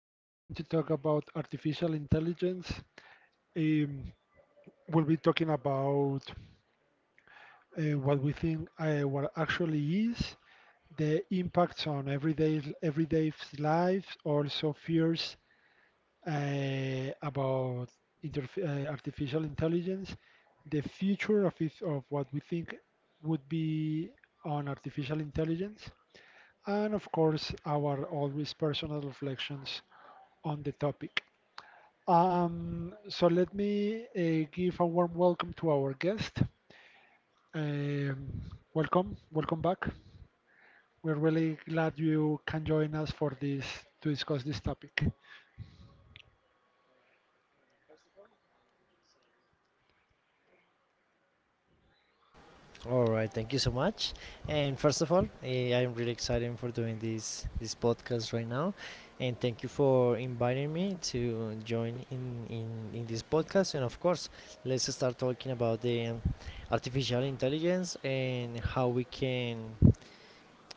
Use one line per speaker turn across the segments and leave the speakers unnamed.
we are going to talk about artificial intelligence. Um, we'll be talking about what we think, what actually is, the impacts on everyday lives, also fears about artificial intelligence, the future of it, of what we think would be on artificial intelligence, and of course, our always personal reflections on the topic. So let me give a warm welcome to our guest. Um, Welcome, welcome back. We're really glad you can join us for this to discuss this topic.
All right, thank you so much. And first of all, I am really excited for doing this podcast right now, and thank you for inviting me to join in in this podcast. And of course, let's start talking about the artificial intelligence and how we can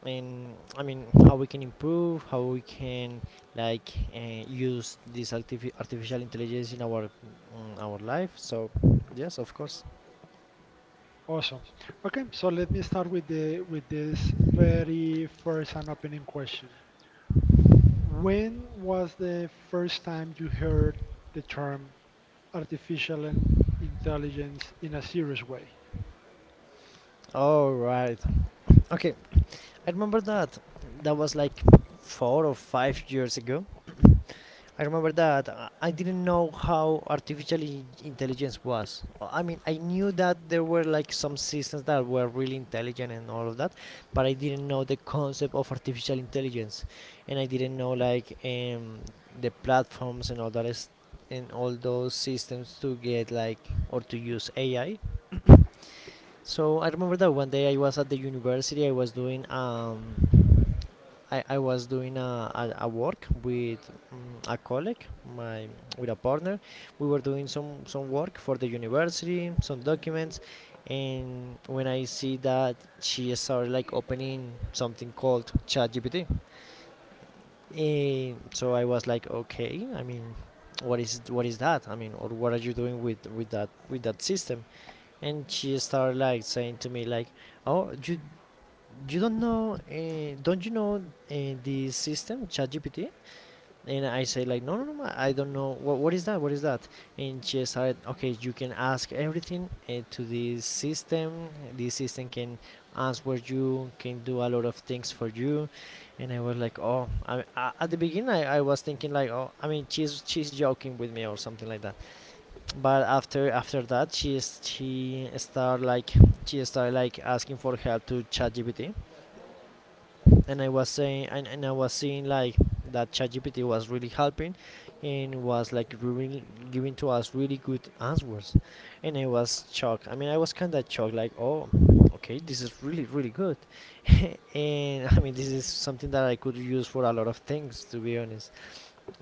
and I mean how we can improve, how we can use this artificial intelligence in our life. So yes, of course.
Awesome. Okay, so let me start with the with this very first and opening question. When was the first time you heard the term artificial in- intelligence in a serious way?
All right. Okay. I remember that. That was like 4 or 5 years ago. I remember that I didn't know how artificial intelligence was. I mean, I knew that there were like some systems that were really intelligent and all of that, but I didn't know the concept of artificial intelligence, and I didn't know like the platforms and all that is and all those systems to get like or to use AI. So I remember that one day I was at the university. I was doing I was doing a work with a colleague, my with a partner. We were doing some work for the university, some documents, and when I see that she started like opening something called ChatGPT, and so I was like, okay, I mean, what is that? I mean, or what are you doing with that system? And she started like saying to me like, oh, you don't know don't you know the system ChatGPT. And I say like, no, I don't know what is that, and she said, okay, you can ask everything to the system. The system can answer, you can do a lot of things for you. And I was like, oh, at the beginning I was thinking like, oh, I mean, she's joking with me or something like that. But after that, she start like she started like asking for help to ChatGPT. And I was saying, and I was seeing like that ChatGPT was really helping and was like really giving to us really good answers. And I was shocked. I mean, I was kind of shocked, like, oh, okay, this is really really good. And I mean, this is something that I could use for a lot of things, to be honest.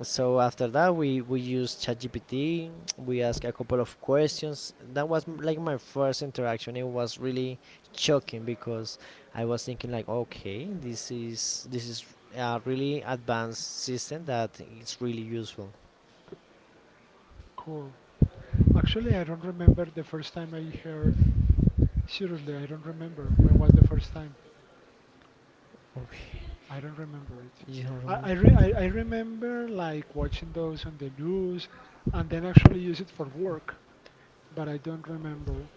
So after that, we used ChatGPT. We asked a couple of questions. That was like my first interaction. It was really shocking because I was thinking like, okay, this is a really advanced system that it's really useful.
Cool. Actually, I don't remember the first time I heard. Seriously, I don't remember. When was the first time?
Okay.
I don't remember it. I remember like watching those on the news and then actually use it for work, but I don't remember.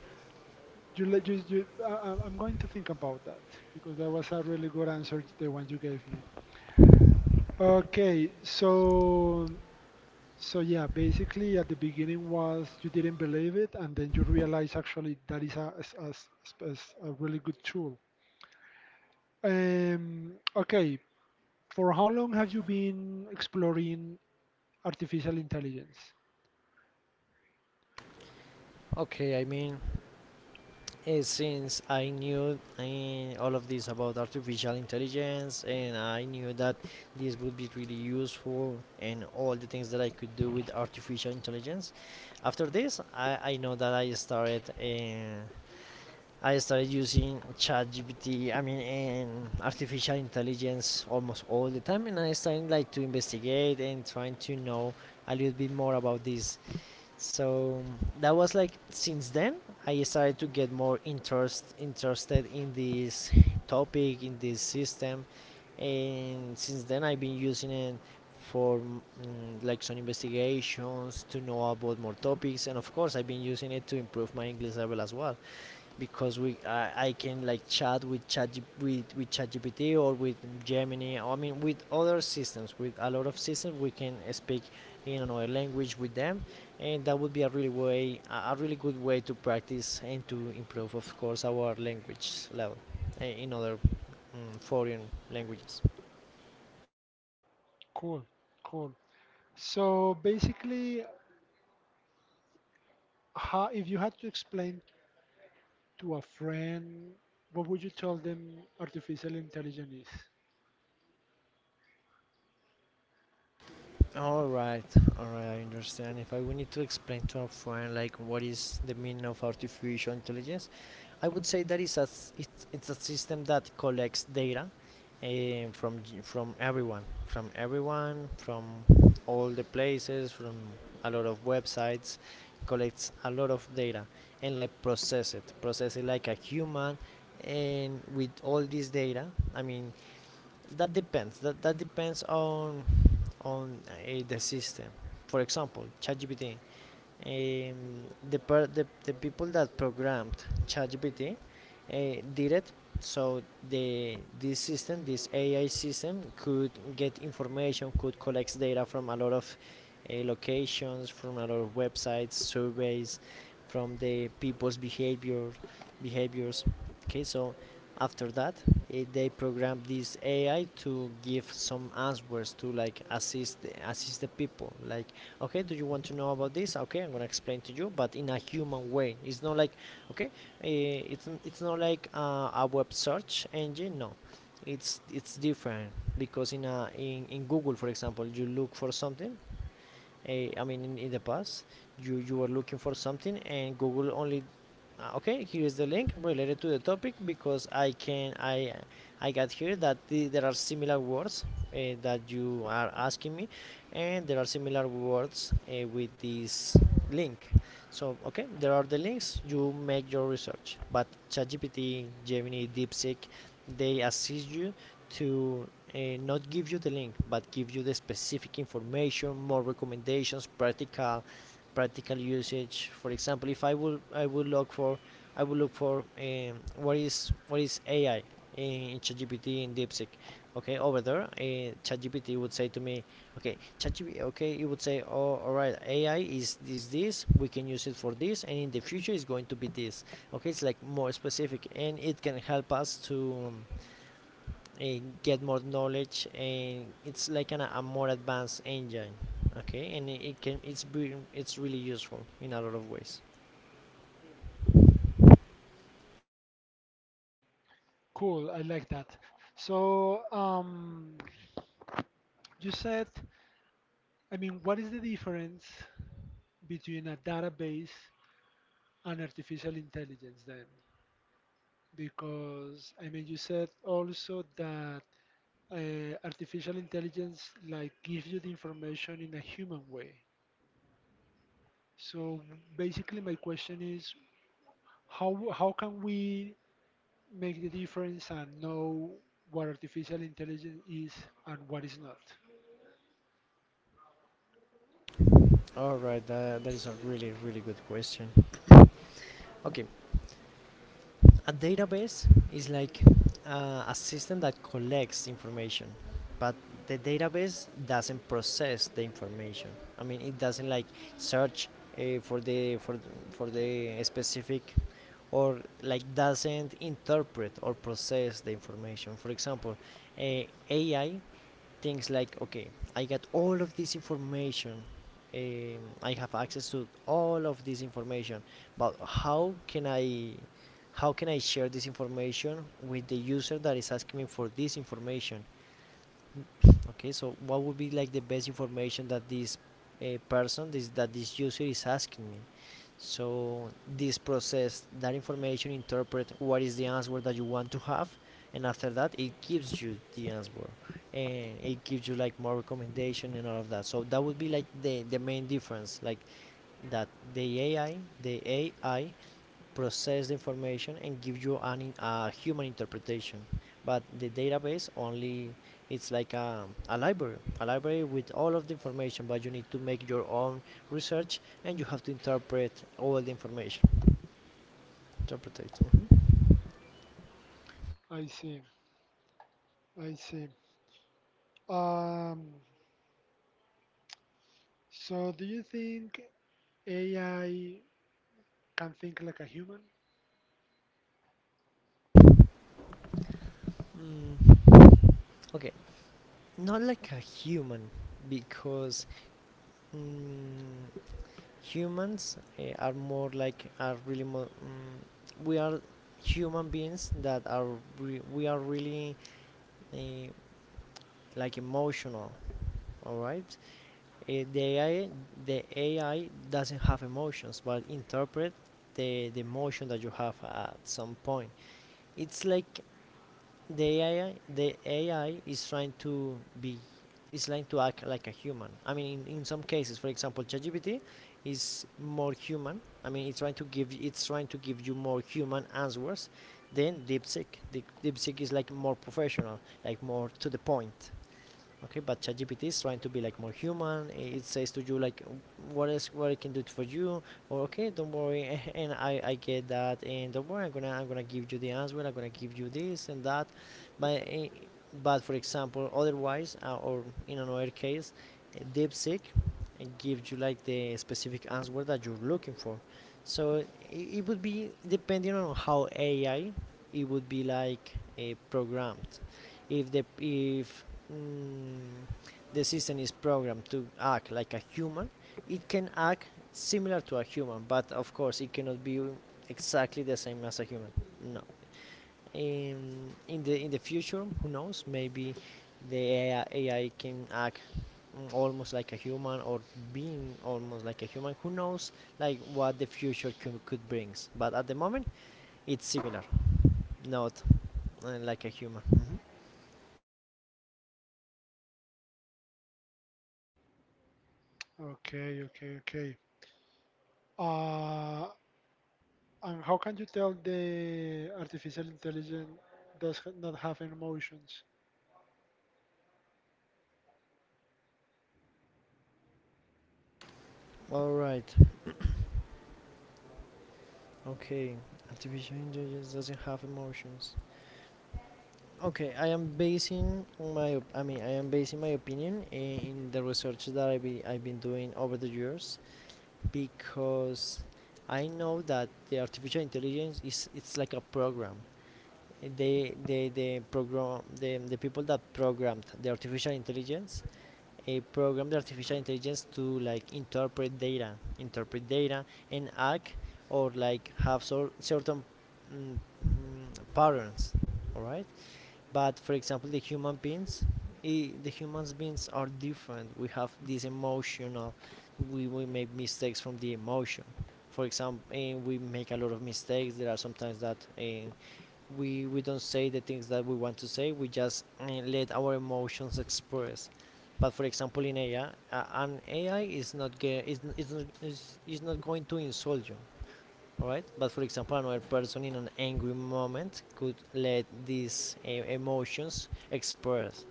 You let you, you I- I'm going to think about that because that was a really good answer, the one you gave me. Okay, so so yeah, basically at the beginning was you didn't believe it, and then you realize actually that is a really good tool. Okay, for how long have you been exploring artificial intelligence?
Okay, I mean, since I knew all of this about artificial intelligence and I knew that this would be really useful and all the things that I could do with artificial intelligence, after this, I know that I started using ChatGPT, I mean, and artificial intelligence almost all the time. And I started like to investigate and trying to know a little bit more about this. So that was like since then. I started to get more interested in this topic, in this system. And since then I've been using it for like some investigations to know about more topics. And of course I've been using it to improve my English level as well, because we I can like chat with ChatGPT or with Gemini. I mean, with other systems, with a lot of systems, we can speak in another language with them, and that would be a really way a really good way to practice and to improve, of course, our language level in other foreign languages.
Cool, cool. So basically, how, if you had to explain to a friend, what would you tell them artificial intelligence is?
All right, all right, I understand. If I would need to explain to a friend like what is the meaning of artificial intelligence, I would say that it's a system that collects data from everyone, from all the places, from a lot of websites, collects a lot of data and like process it like a human. And with all this data, I mean, that depends. That depends on on the system. For example, ChatGPT, um, the people that programmed ChatGPT uh, did it so the this system, this AI system, could get information, could collect data from a lot of locations, from a lot of websites, surveys, from the people's behaviors. Okay, so after that, they programmed this AI to give some answers to like assist the people, like, okay, do you want to know about this? Okay, I'm gonna explain to you, but in a human way. It's not like, okay, it's not like a web search engine, no. It's it's different, because in a in Google, for example, you look for something. I mean, in the past, you were looking for something and Google only, okay, here is the link related to the topic because I can I got here that there are similar words that you are asking me, and there are similar words with this link. So okay, there are the links, you make your research. But ChatGPT, Gemini, DeepSeek, they assist you to uh, not give you the link, but give you the specific information, more recommendations, practical usage. For example, if I would I would look for, what is AI in ChatGPT, in DeepSeek. Okay, over there, ChatGPT would say to me, okay, ChatGPT, okay, it would say, oh, all right, AI is this this. We can use it for this, and in the future it's going to be this. Okay, it's like more specific, and it can help us to um, uh, get more knowledge, and it's like a more advanced engine. Okay, and it, can it's really useful in a lot of ways.
Cool, I like that. So you said. I mean, what is the difference between a database and artificial intelligence then? Because, I mean, you said also that artificial intelligence like gives you the information in a human way. So basically, my question is, how can we make the difference and know what artificial intelligence is and what is not?
All right, that is a really, really good question. Okay, a database is like a system that collects information, but the database doesn't process the information. I mean, it doesn't like search uh, for the for for the specific, or like doesn't interpret or process the information. For example, uh, AI thinks like, okay, I got all of this information. I have access to all of this information, but how can I share this information with the user that is asking me for this information? Okay, so what would be like the best information that this person, this that this user is asking me? So this process that information, interpret what is the answer that you want to have, and after that it gives you the answer, and it gives you like more recommendation and all of that. So that would be like the main difference, like that the AI process the information and give you an a human interpretation, but the database only, it's like a library, with all of the information, but you need to make your own research and you have to interpret all the information, interpretate.
I see. I see. Um, So, do you think AI can think like a human?
Mm, okay, not like a human because mm, humans are more like, are really we are human beings that are we are really eh, like emotional, all right. The AI, the AI doesn't have emotions, but interpret the emotion that you have at some point. It's like the AI, is trying to act like a human. I mean, in some cases, for example, ChatGPT is more human. I mean, it's trying to give it's trying to give you more human answers than DeepSeek. DeepSeek is like more professional, like more to the point. Okay, but ChatGPT is trying to be like more human. It says to you like, what I can do for you, or okay, don't worry and I get that, and don't worry, I'm gonna give you the answer, I'm gonna give you this and that. But but for example otherwise, or in another case, DeepSeek gives you like the specific answer that you're looking for. So it would be depending on how AI it would be like programmed. If the if mm, the system is programmed to act like a human, it can act similar to a human, but of course it cannot be exactly the same as a human. No. In the future, who knows? Maybe the AI can act almost like a human, or being almost like a human. Who knows? Like what the future could brings. But at the moment, it's similar, not like a human. Mhm.
Okay, okay, okay. Uh, and how can you tell the artificial intelligence not have any emotions?
All right. Okay, artificial intelligence doesn't have emotions. Okay, I am basing I am basing my opinion in the research that I've been doing over the years because I know that the artificial intelligence is it's like a program. The people that programmed the artificial intelligence program the artificial intelligence to like interpret data and act, or like have certain mm, patterns. All right, but for example the human beings, I the humans beings are different. We have this emotional, we make mistakes from the emotion, for example, and we make a lot of mistakes. There are sometimes that we don't say the things that we want to say, we just let our emotions express. But for example in AI, an AI is not ge- is not going to insult you. All right, but for example another person in an angry moment could let these emotions express.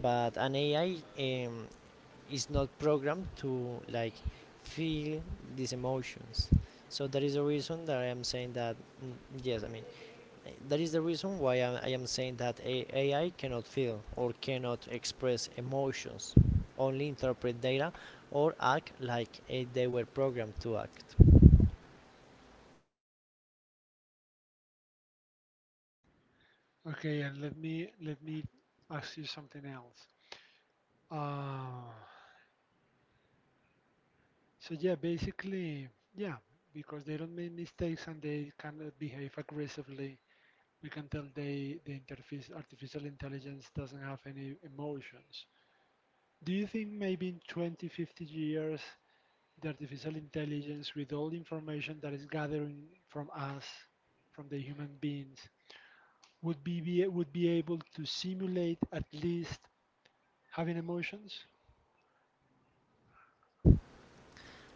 But an AI is not programmed to like feel these emotions. So that is the reason that I am saying that. mm, yes, I mean, that is the reason why I am saying that AI cannot feel or cannot express emotions, only interpret data, or act like they were programmed to act.
Okay, and let me ask you something else. Uh, so yeah, basically, yeah, because they don't make mistakes and they cannot behave aggressively, we can tell the interface artificial intelligence doesn't have any emotions. Do you think maybe in 20, 50 years, the artificial intelligence, with all the information that is gathering from us, from the human beings, would be able to simulate at least having emotions?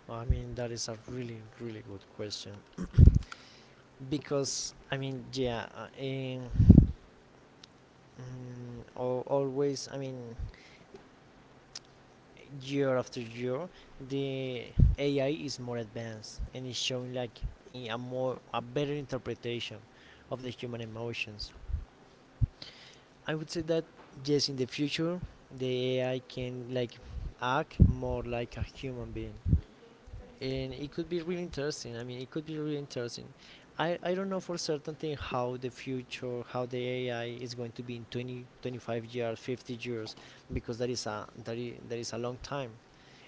I mean, that is a really, really good question because I mean, yeah, mm, always, I mean, year after year, the AI is more advanced and is showing like a better interpretation of the human emotions. I would say that yes, in the future, the AI can like act more like a human being, and it could be really interesting. I mean, it could be really interesting. I don't know for certainty how the future, how the AI is going to be in 20, 25 years, 50 years, because that is a long time.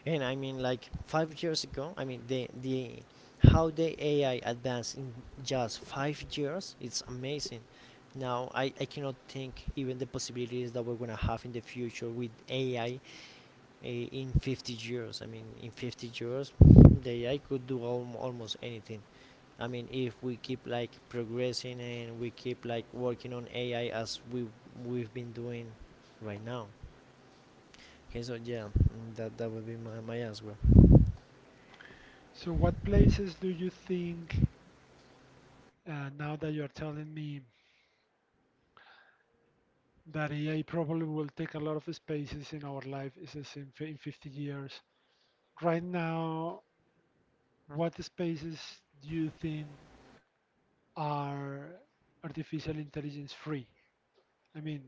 And I mean, like 5 years ago, I mean, the how the AI advanced in just 5 years, it's amazing. Now, I cannot think even the possibilities that we're gonna have in the future with AI in 50 years. I mean, in 50 years, the AI could do almost anything. I mean, if we keep like progressing and we keep like working on AI as we we've been doing right now. Okay, so yeah, that would be my, my answer.
So, what places do you think, now that you are telling me that AI probably will take a lot of spaces in our life, in 50 years? Right now, what spaces do you think are artificial intelligence free? I mean,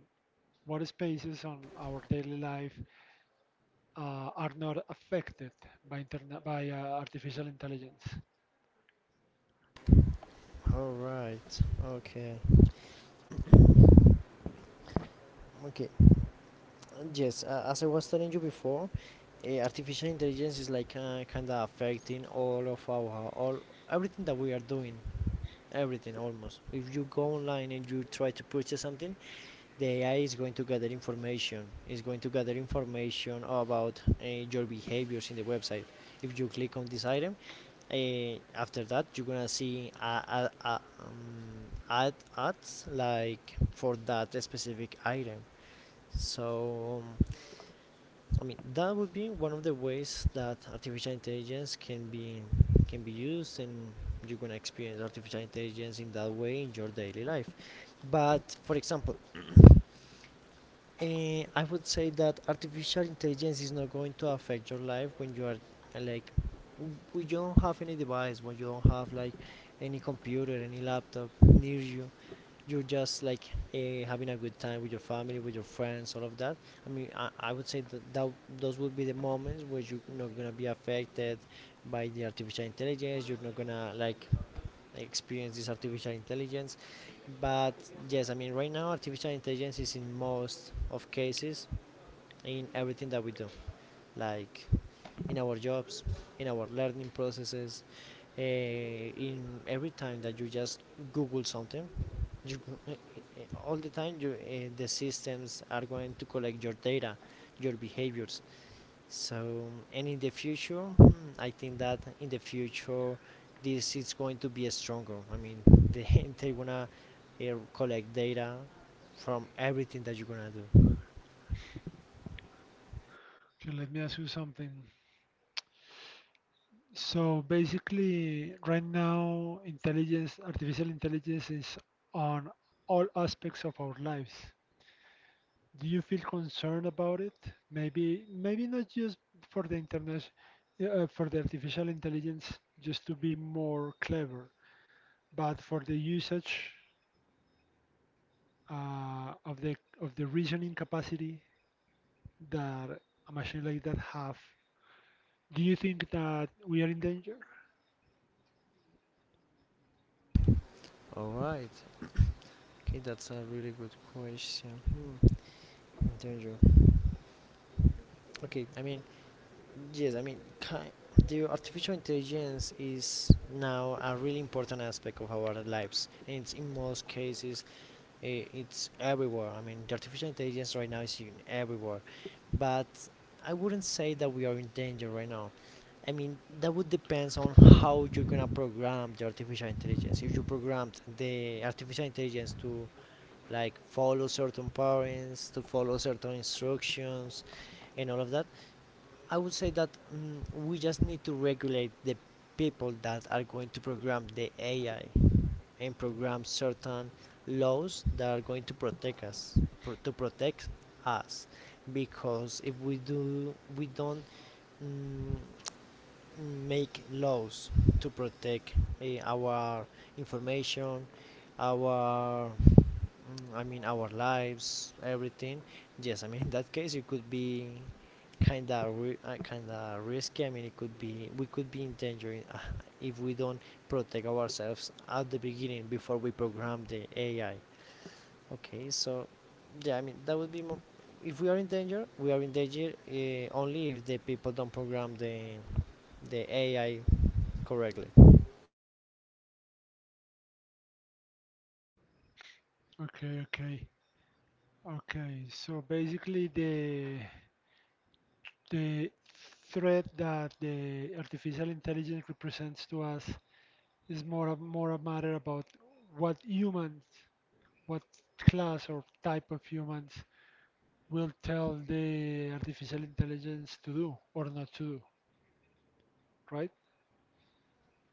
what spaces on our daily life are not affected by internet by artificial intelligence?
All right. Okay. Okay. Yes. As I was telling you before, artificial intelligence is like kind of affecting all of our all everything that we are doing. Everything almost. If you go online and you try to purchase something, the AI is going to gather information. It's going to gather information about your behaviors in the website. If you click on this item, uh, after that you're gonna see a ad ads like for that specific item. So, I mean, that would be one of the ways that artificial intelligence can be used, and you're gonna experience artificial intelligence in that way in your daily life. But for example, I would say that artificial intelligence is not going to affect your life when you are uh, like when you don't have any device, when you don't have like any computer, any laptop near you. You're just like having a good time with your family, with your friends, all of that. I mean, I would say that those would be the moments where you're not gonna be affected by the artificial intelligence. You're not gonna like experience this artificial intelligence. But yes, I mean, right now artificial intelligence is in most of cases in everything that we do, like in our jobs, in our learning processes, in every time that you just Google something, you, uh, all the time the systems are going to collect your data, your behaviors. So, and in the future, I think that in the future this is going to be stronger. I mean, they're gonna uh, collect data from everything that you're gonna do.
Okay, let me ask you something. So basically, right now, artificial intelligence is on all aspects of our lives. Do you feel concerned about it? Maybe, maybe not just for the internet, for the artificial intelligence, just to be more clever, but for the usage of the reasoning capacity that a machine like that have. Do you think that we are in danger?
All right. Okay, that's a really good question. Mm. Danger. Okay, I mean, yes, I mean, the artificial intelligence is now a really important aspect of our lives, and it's in most cases it's everywhere. I mean, the artificial intelligence right now is in everywhere, but I wouldn't say that we are in danger right now. I mean, that would depends on how you're gonna program the artificial intelligence. If you programmed the artificial intelligence to like follow certain patterns, to follow certain instructions, and all of that, I would say that we just need to regulate the people that are going to program the AI, and program certain laws that are going to to protect us, because if we don't mm, make laws to protect our information, our I mean, our lives, everything. Yes, I mean, in that case, it could be kind of risky. I mean, it could be we could be in danger if we don't protect ourselves at the beginning before we program the AI. Okay, so yeah, I mean, that would be more. If we are in danger, we are in danger only if the people don't program the AI correctly.
Okay, okay, okay. So basically, the threat that the artificial intelligence represents to us is more a matter about what humans, what class or type of humans will tell the artificial intelligence to do or not to do, right?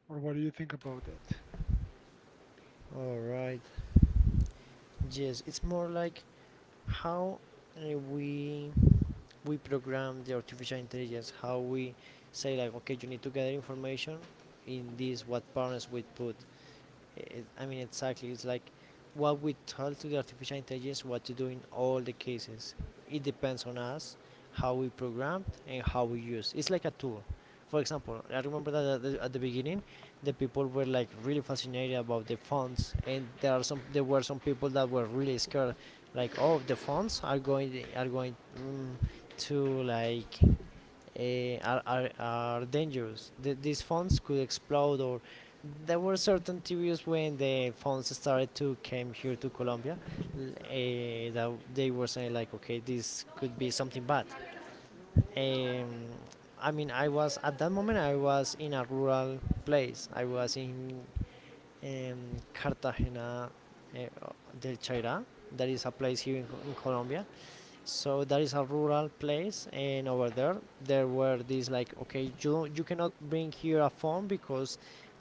Or what do you think about that?
All right. Yes, it's more like how uh, we we program the artificial intelligence, how we say like, okay, you need to gather information in this, what parents would put. I mean, exactly. It's like what we tell to the artificial intelligence what to do in all the cases. It depends on us, how we programmed and how we use. It's like a tool. For example, I remember that at the beginning, the people were like really fascinated about the fonts, and there were some people that were really scared, like, oh, the fonts are going to like are dangerous. These phones could explode, or there were certain theories when the phones started to came here to Colombia, that they were saying like, okay, this could be something bad. Um, I mean, I was at that moment, I was in a rural place. I was in um, Cartagena eh, del Chaira. That is a place here in, in Colombia. So that is a rural place, and over there there were these like, okay, you cannot bring here a phone because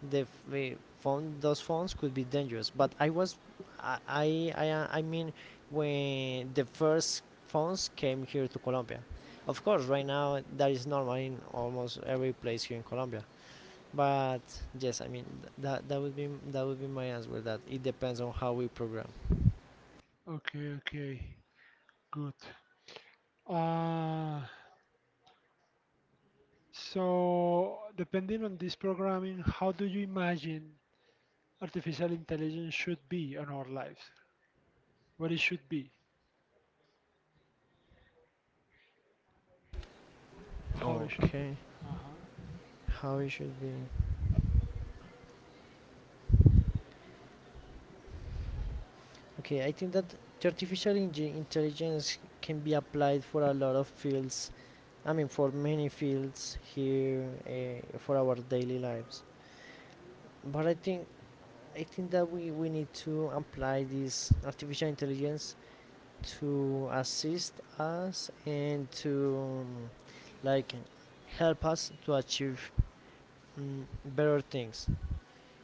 the eh, phone those phones could be dangerous. But I was I mean, when the first phones came here to Colombia, of course right now that is normal in almost every place here in Colombia, but yes, I mean, that would be my answer, that it depends on how we program.
Okay, okay, good. Uh, so, depending on this programming, how do you imagine artificial intelligence should be on our lives? What it should be? How it should
Okay.
be? Uh-huh.
How it should be. Okay, I think that artificial intelligence can be applied for a lot of fields. I mean, for many fields here, for our daily lives. But I think that we need to apply this artificial intelligence to assist us, and to like help us to achieve better things.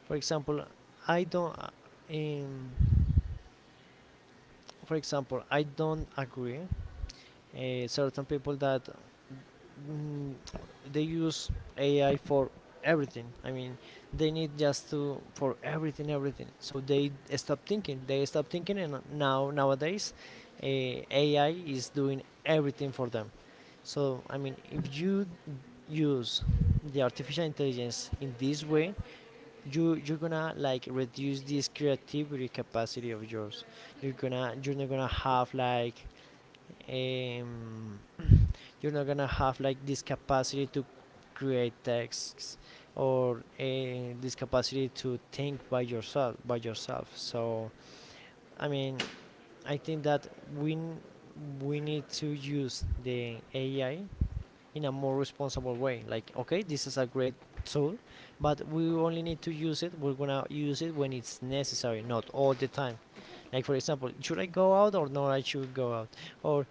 For example, I don't. Um, for example, I don't agree certain people that mm, they use AI for everything. I mean, they need just to for everything, everything. So they stop thinking. And now nowadays, AI is doing everything for them. So I mean, if you use the artificial intelligence in this way, you're gonna like reduce this creativity capacity of yours. You're not gonna have like um you're not gonna have like this capacity to create texts, or a this capacity to think by yourself so I mean, I think that we we need to use the AI in a more responsible way, like, okay, this is a great tool, but we only need to use it, we're gonna use it when it's necessary, not all the time. Like for example, should I go out or not? I should go out, or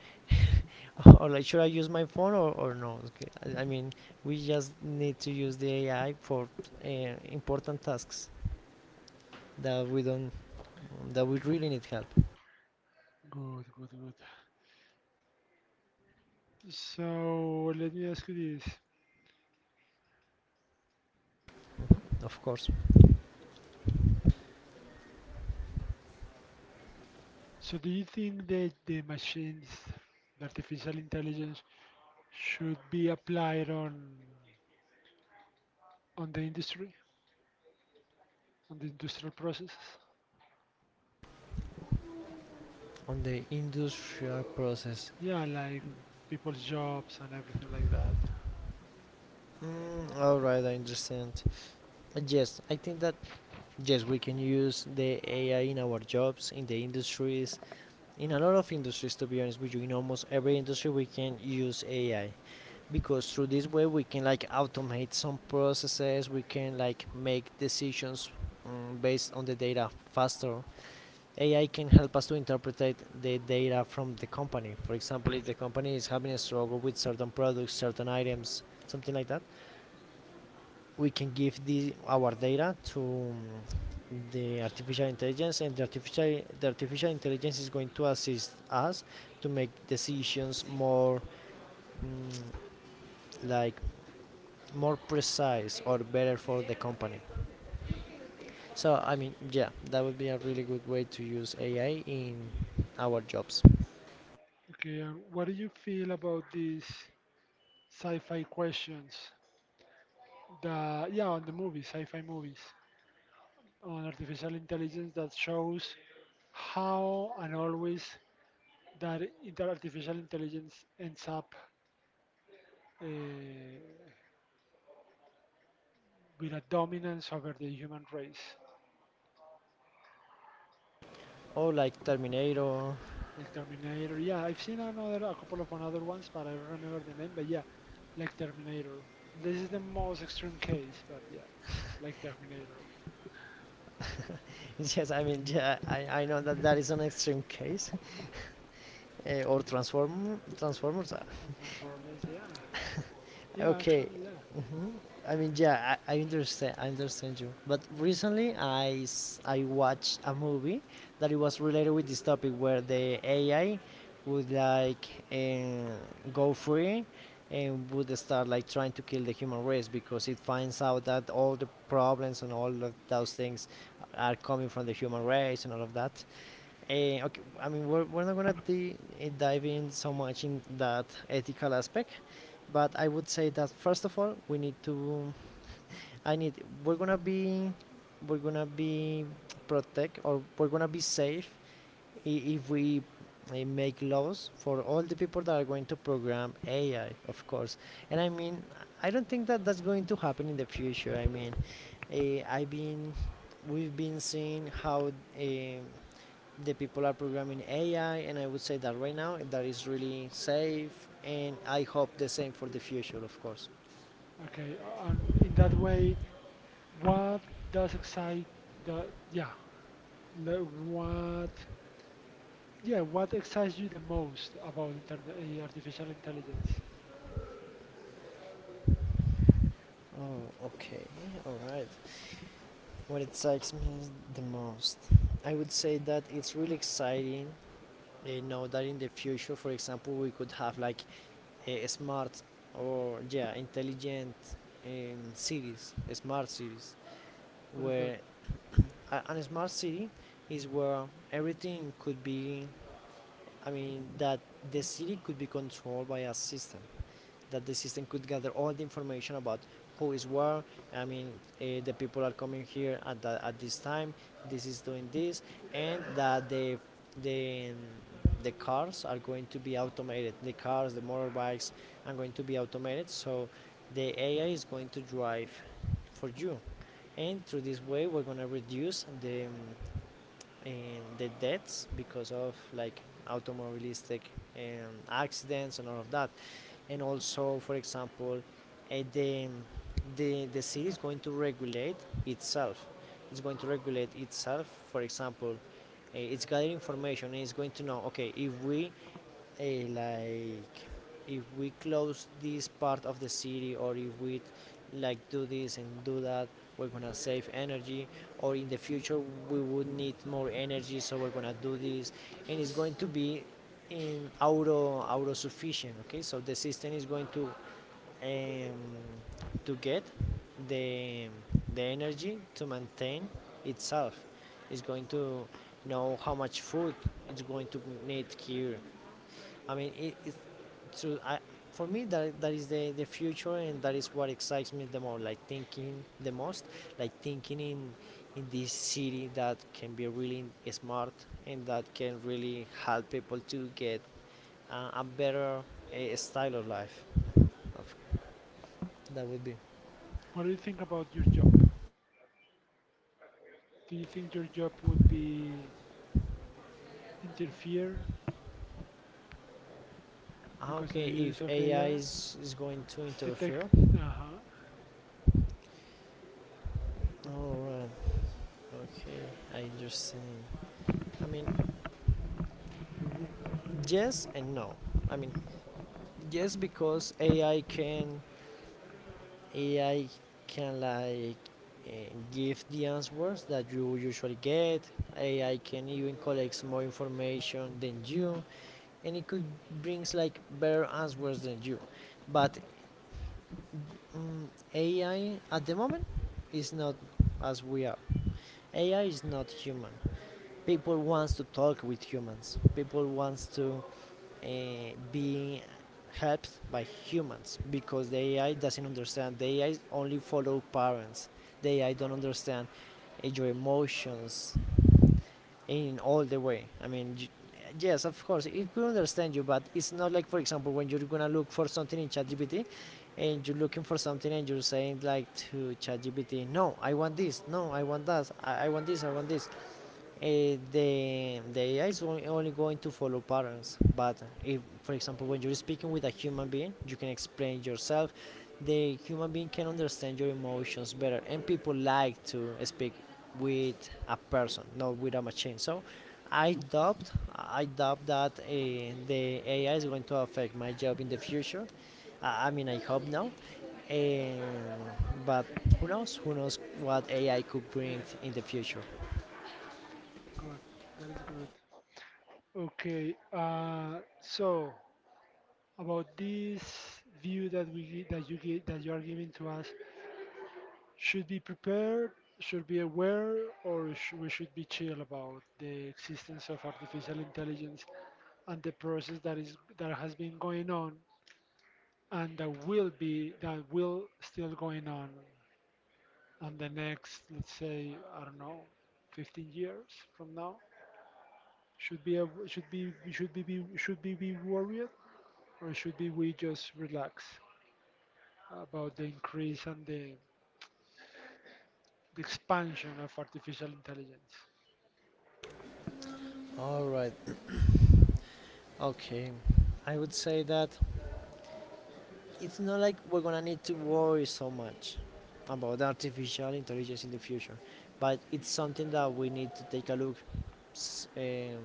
or like, should I use my phone, or no? Okay. I mean, we just need to use the AI for uh, important tasks that we don't that we really need help.
Good, good, good. So, let me ask you this.
Mm-hmm. Of course.
So, do you think that the machines, the artificial intelligence, should be applied on the industry, on the industrial processes?
On the industrial process.
Yeah, like people's jobs and everything like that.
All right, I understand. Yes, I think that yes, we can use the ai in our jobs in the industries, in a lot of industries, to be honest with you. In almost every industry we can use ai, because through this way we can like automate some processes, we can like make decisions based on the data faster. Ai can help us to interpret the data from the company. For example, if the company is having a struggle with certain products, certain items, something like that, we can give the our data to the artificial intelligence, and the artificial intelligence is going to assist us to make decisions more mm, like, more precise or better for the company. So I mean, yeah, that would be a really good way to use AI in our jobs.
Okay, and what do you feel about these sci-fi questions? The yeah, on the movies, sci-fi movies, on artificial intelligence that shows how and always that artificial intelligence ends up uh, with a dominance over the human race,
Or like Terminator.
like Terminator. Yeah, I've seen another, a couple of another ones, but I don't remember the name. But yeah, like Terminator. This is the most extreme case, but yeah, like Terminator
Yes, I mean, yeah, I know that that is an extreme case. Or Transformers.
and Transformers. Yeah. Yeah,
Okay.
actually, yeah.
Hmm. I mean, yeah, I understand. I understand you. But recently, I watched a movie that it was related with this topic, where the AI would like uh, go free and would start like trying to kill the human race because it finds out that all the problems and all of those things are coming from the human race and all of that. Okay, I mean we're not gonna dive in so much in that ethical aspect, but I would say that first of all we need to. I need we're gonna be we're gonna be protect, or we're gonna be safe if we make laws for all the people that are going to program AI, of course. And I mean, I don't think that that's going to happen in the future. I mean, I've been we've been seeing how. eh, the people are programming AI, and I would say that right now that is really safe, and I hope the same for the future, of course.
Okay, and in that way, what does excite the yeah, the, what yeah, what excites you the most about artificial intelligence?
Oh, okay, all right. What excites me the most, I would say that it's really exciting. You know that in the future, for example, we could have like a smart, or yeah, intelligent cities, smart cities,
What is that?
where a smart city is where everything could be, I mean that the city could be controlled by a system, that the system could gather all the information about who is where. I mean, the people are coming here at at this time. This is doing this, and that the the the cars are going to be automated. The cars, the motorbikes are going to be automated. So the AI is going to drive for you, and through this way, we're going to reduce the in the deaths because of like automobilistic accidents and all of that. And also, for example, uh, the, the city is going to regulate itself. For example, it's gathering information and it's going to know, okay, if we like if we close this part of the city, or if we like do this and do that, we're gonna save energy. Or in the future we would need more energy, so we're gonna do this. And it's going to be in auto sufficient. Okay, so the system is going um, to get the the energy to maintain itself. It's going to know how much food it's going to need here. I mean it's, so I, for me, that that is the future, and that is what excites me the most. Like thinking the most, like thinking in this city that can be really smart and that can really help people to get a better style of life. Of- That would be
What do you think about your job? Do you think your job would be interfere because the
Okay,
use
if
of
AI
AI?
is going to
The tech,
interfere.
uh-huh,
All right. Okay, I understand. I mean, yes and no. I mean, yes, because AI can AI can like uh, give the answers that you usually get. AI can even collect more information than you, and it could brings like better answers than you. But mm AI at the moment is not as we are. AI is not human. People wants to talk with humans. People wants to uh, being helped by humans, because the AI doesn't understand. The AI only follow parents. The AI don't understand your emotions in all the way. I mean, yes, of course, it could understand you, but it's not like, for example, when you're gonna look for something in ChatGPT and you're looking for something and you're saying like to ChatGPT, no, I want this, no, I want that, I want this, I want this, the AI is only going to follow patterns. But if, for example, when you're speaking with a human being, you can explain yourself. The human being can understand your emotions better, and people like to speak with a person, not with a machine. So, I doubt that the AI is going to affect my job in the future. I mean, I hope not. Um, but who knows? Who knows what AI could bring in the future?
good. That is good. Okay, so about this view that that you give, that you are giving to us, should be prepared, should be aware, or we should be chill about the existence of artificial intelligence and the process that is that has been going on and that will still going on the next, let's say, I don't know, 15 years from now. Should we be worried or should be we just relax about the increase and the expansion of artificial intelligence?
All right. Okay, I would say that it's not like we're gonna need to worry so much about artificial intelligence in the future, but it's something that we need to take a look s- um,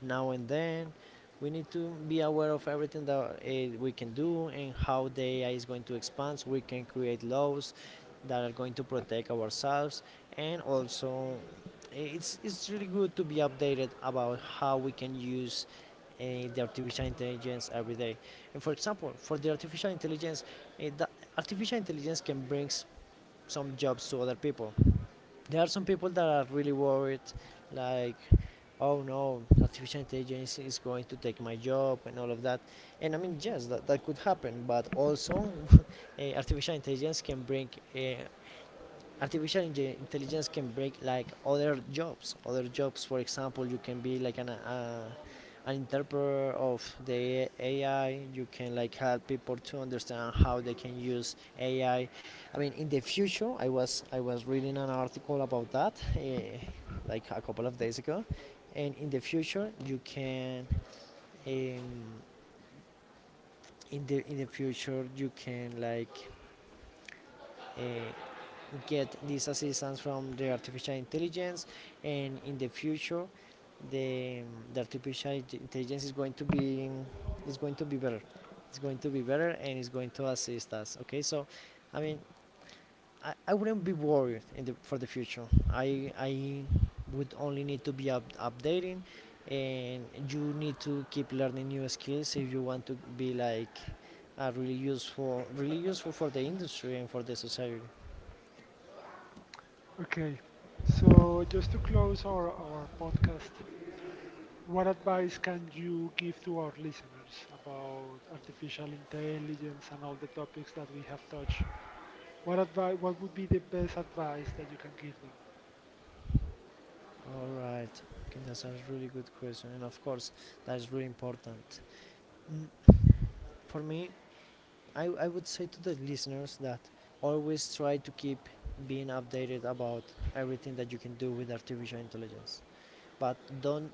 now and then. We need to be aware of everything that we can do and how the AI is going to expand, so we can create laws that are going to protect ourselves. And also it's really good to be updated about how we can use uh, the artificial intelligence every day. And for example, for the artificial intelligence can bring some jobs to other people. There are some people that are really worried, like, oh no, artificial intelligence is going to take my job and all of that. And I mean, yes, that, that could happen, but also eh, artificial intelligence can bring artificial inge- intelligence can break like other jobs, for example. You can be like an interpreter of the ai. You can like help people to understand how they can use ai. I mean, in the future, I was reading an article about that like a couple of days ago, and in the future you can um, in the future you can like uh, get this assistance from the artificial intelligence. And in the future the, the artificial intelligence is going to be, is going to be better it's going to be better, and it's going to assist us. Okay, so I mean, I wouldn't be worried in the, for the future. I would only need to be updating, and you need to keep learning new skills if you want to be like really useful for the industry and for the society.
Okay, so just to close our podcast, what advice can you give to our listeners about artificial intelligence and all the topics that we have touched? What advice, what would be the best advice that you can give them?
All right. Okay, that's a really good question, and of course, that is really important. Mm. For me, I would say to the listeners that always try to keep being updated about everything that you can do with artificial intelligence, but don't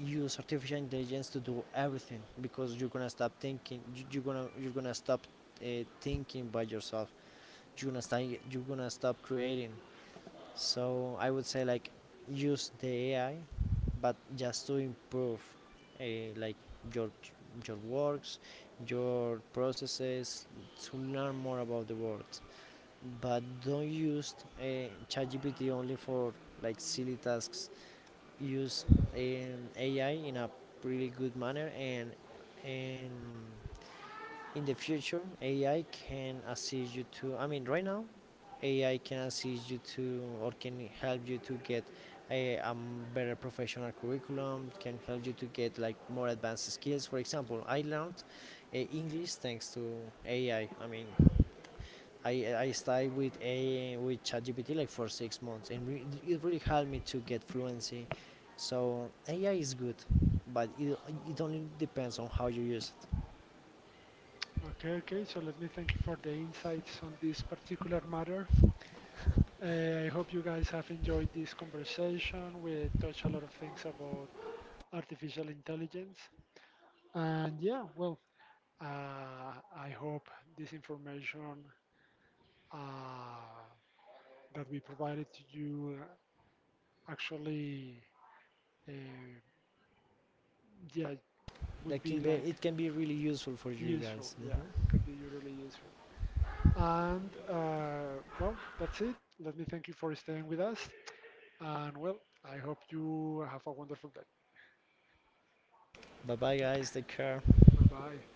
use artificial intelligence to do everything, because you're gonna stop thinking. You're gonna stop uh, thinking by yourself. You're gonna start. You're gonna stop creating. So I would say like, use the AI, but just to improve, uh, like your works, your processes, to learn more about the world. But don't use ChatGPT only for like silly tasks. Use AI in a pretty good manner, and in the future ai can assist you to, I mean, right now ai can assist you to, or can help you to get a better professional curriculum, can help you to get like more advanced skills. For example, I learned english thanks to ai. I mean, i started with a with chatgpt like for 6 months, and it really helped me to get fluency. So ai is good, but it only depends on how you use it.
Okay, okay, so let me thank you for the insights on this particular matter. I hope you guys have enjoyed this conversation. We touched a lot of things about artificial intelligence. And yeah, well, I hope this information uh, that we provided to you, actually, uh, yeah, would
That
be
can be
like
it can be really useful for you
useful.
guys.
Yeah, it
Hmm.
could be really useful. And well, that's it. Let me thank you for staying with us. And well, I hope you have a wonderful day.
Bye bye, guys. Take care.
Bye bye.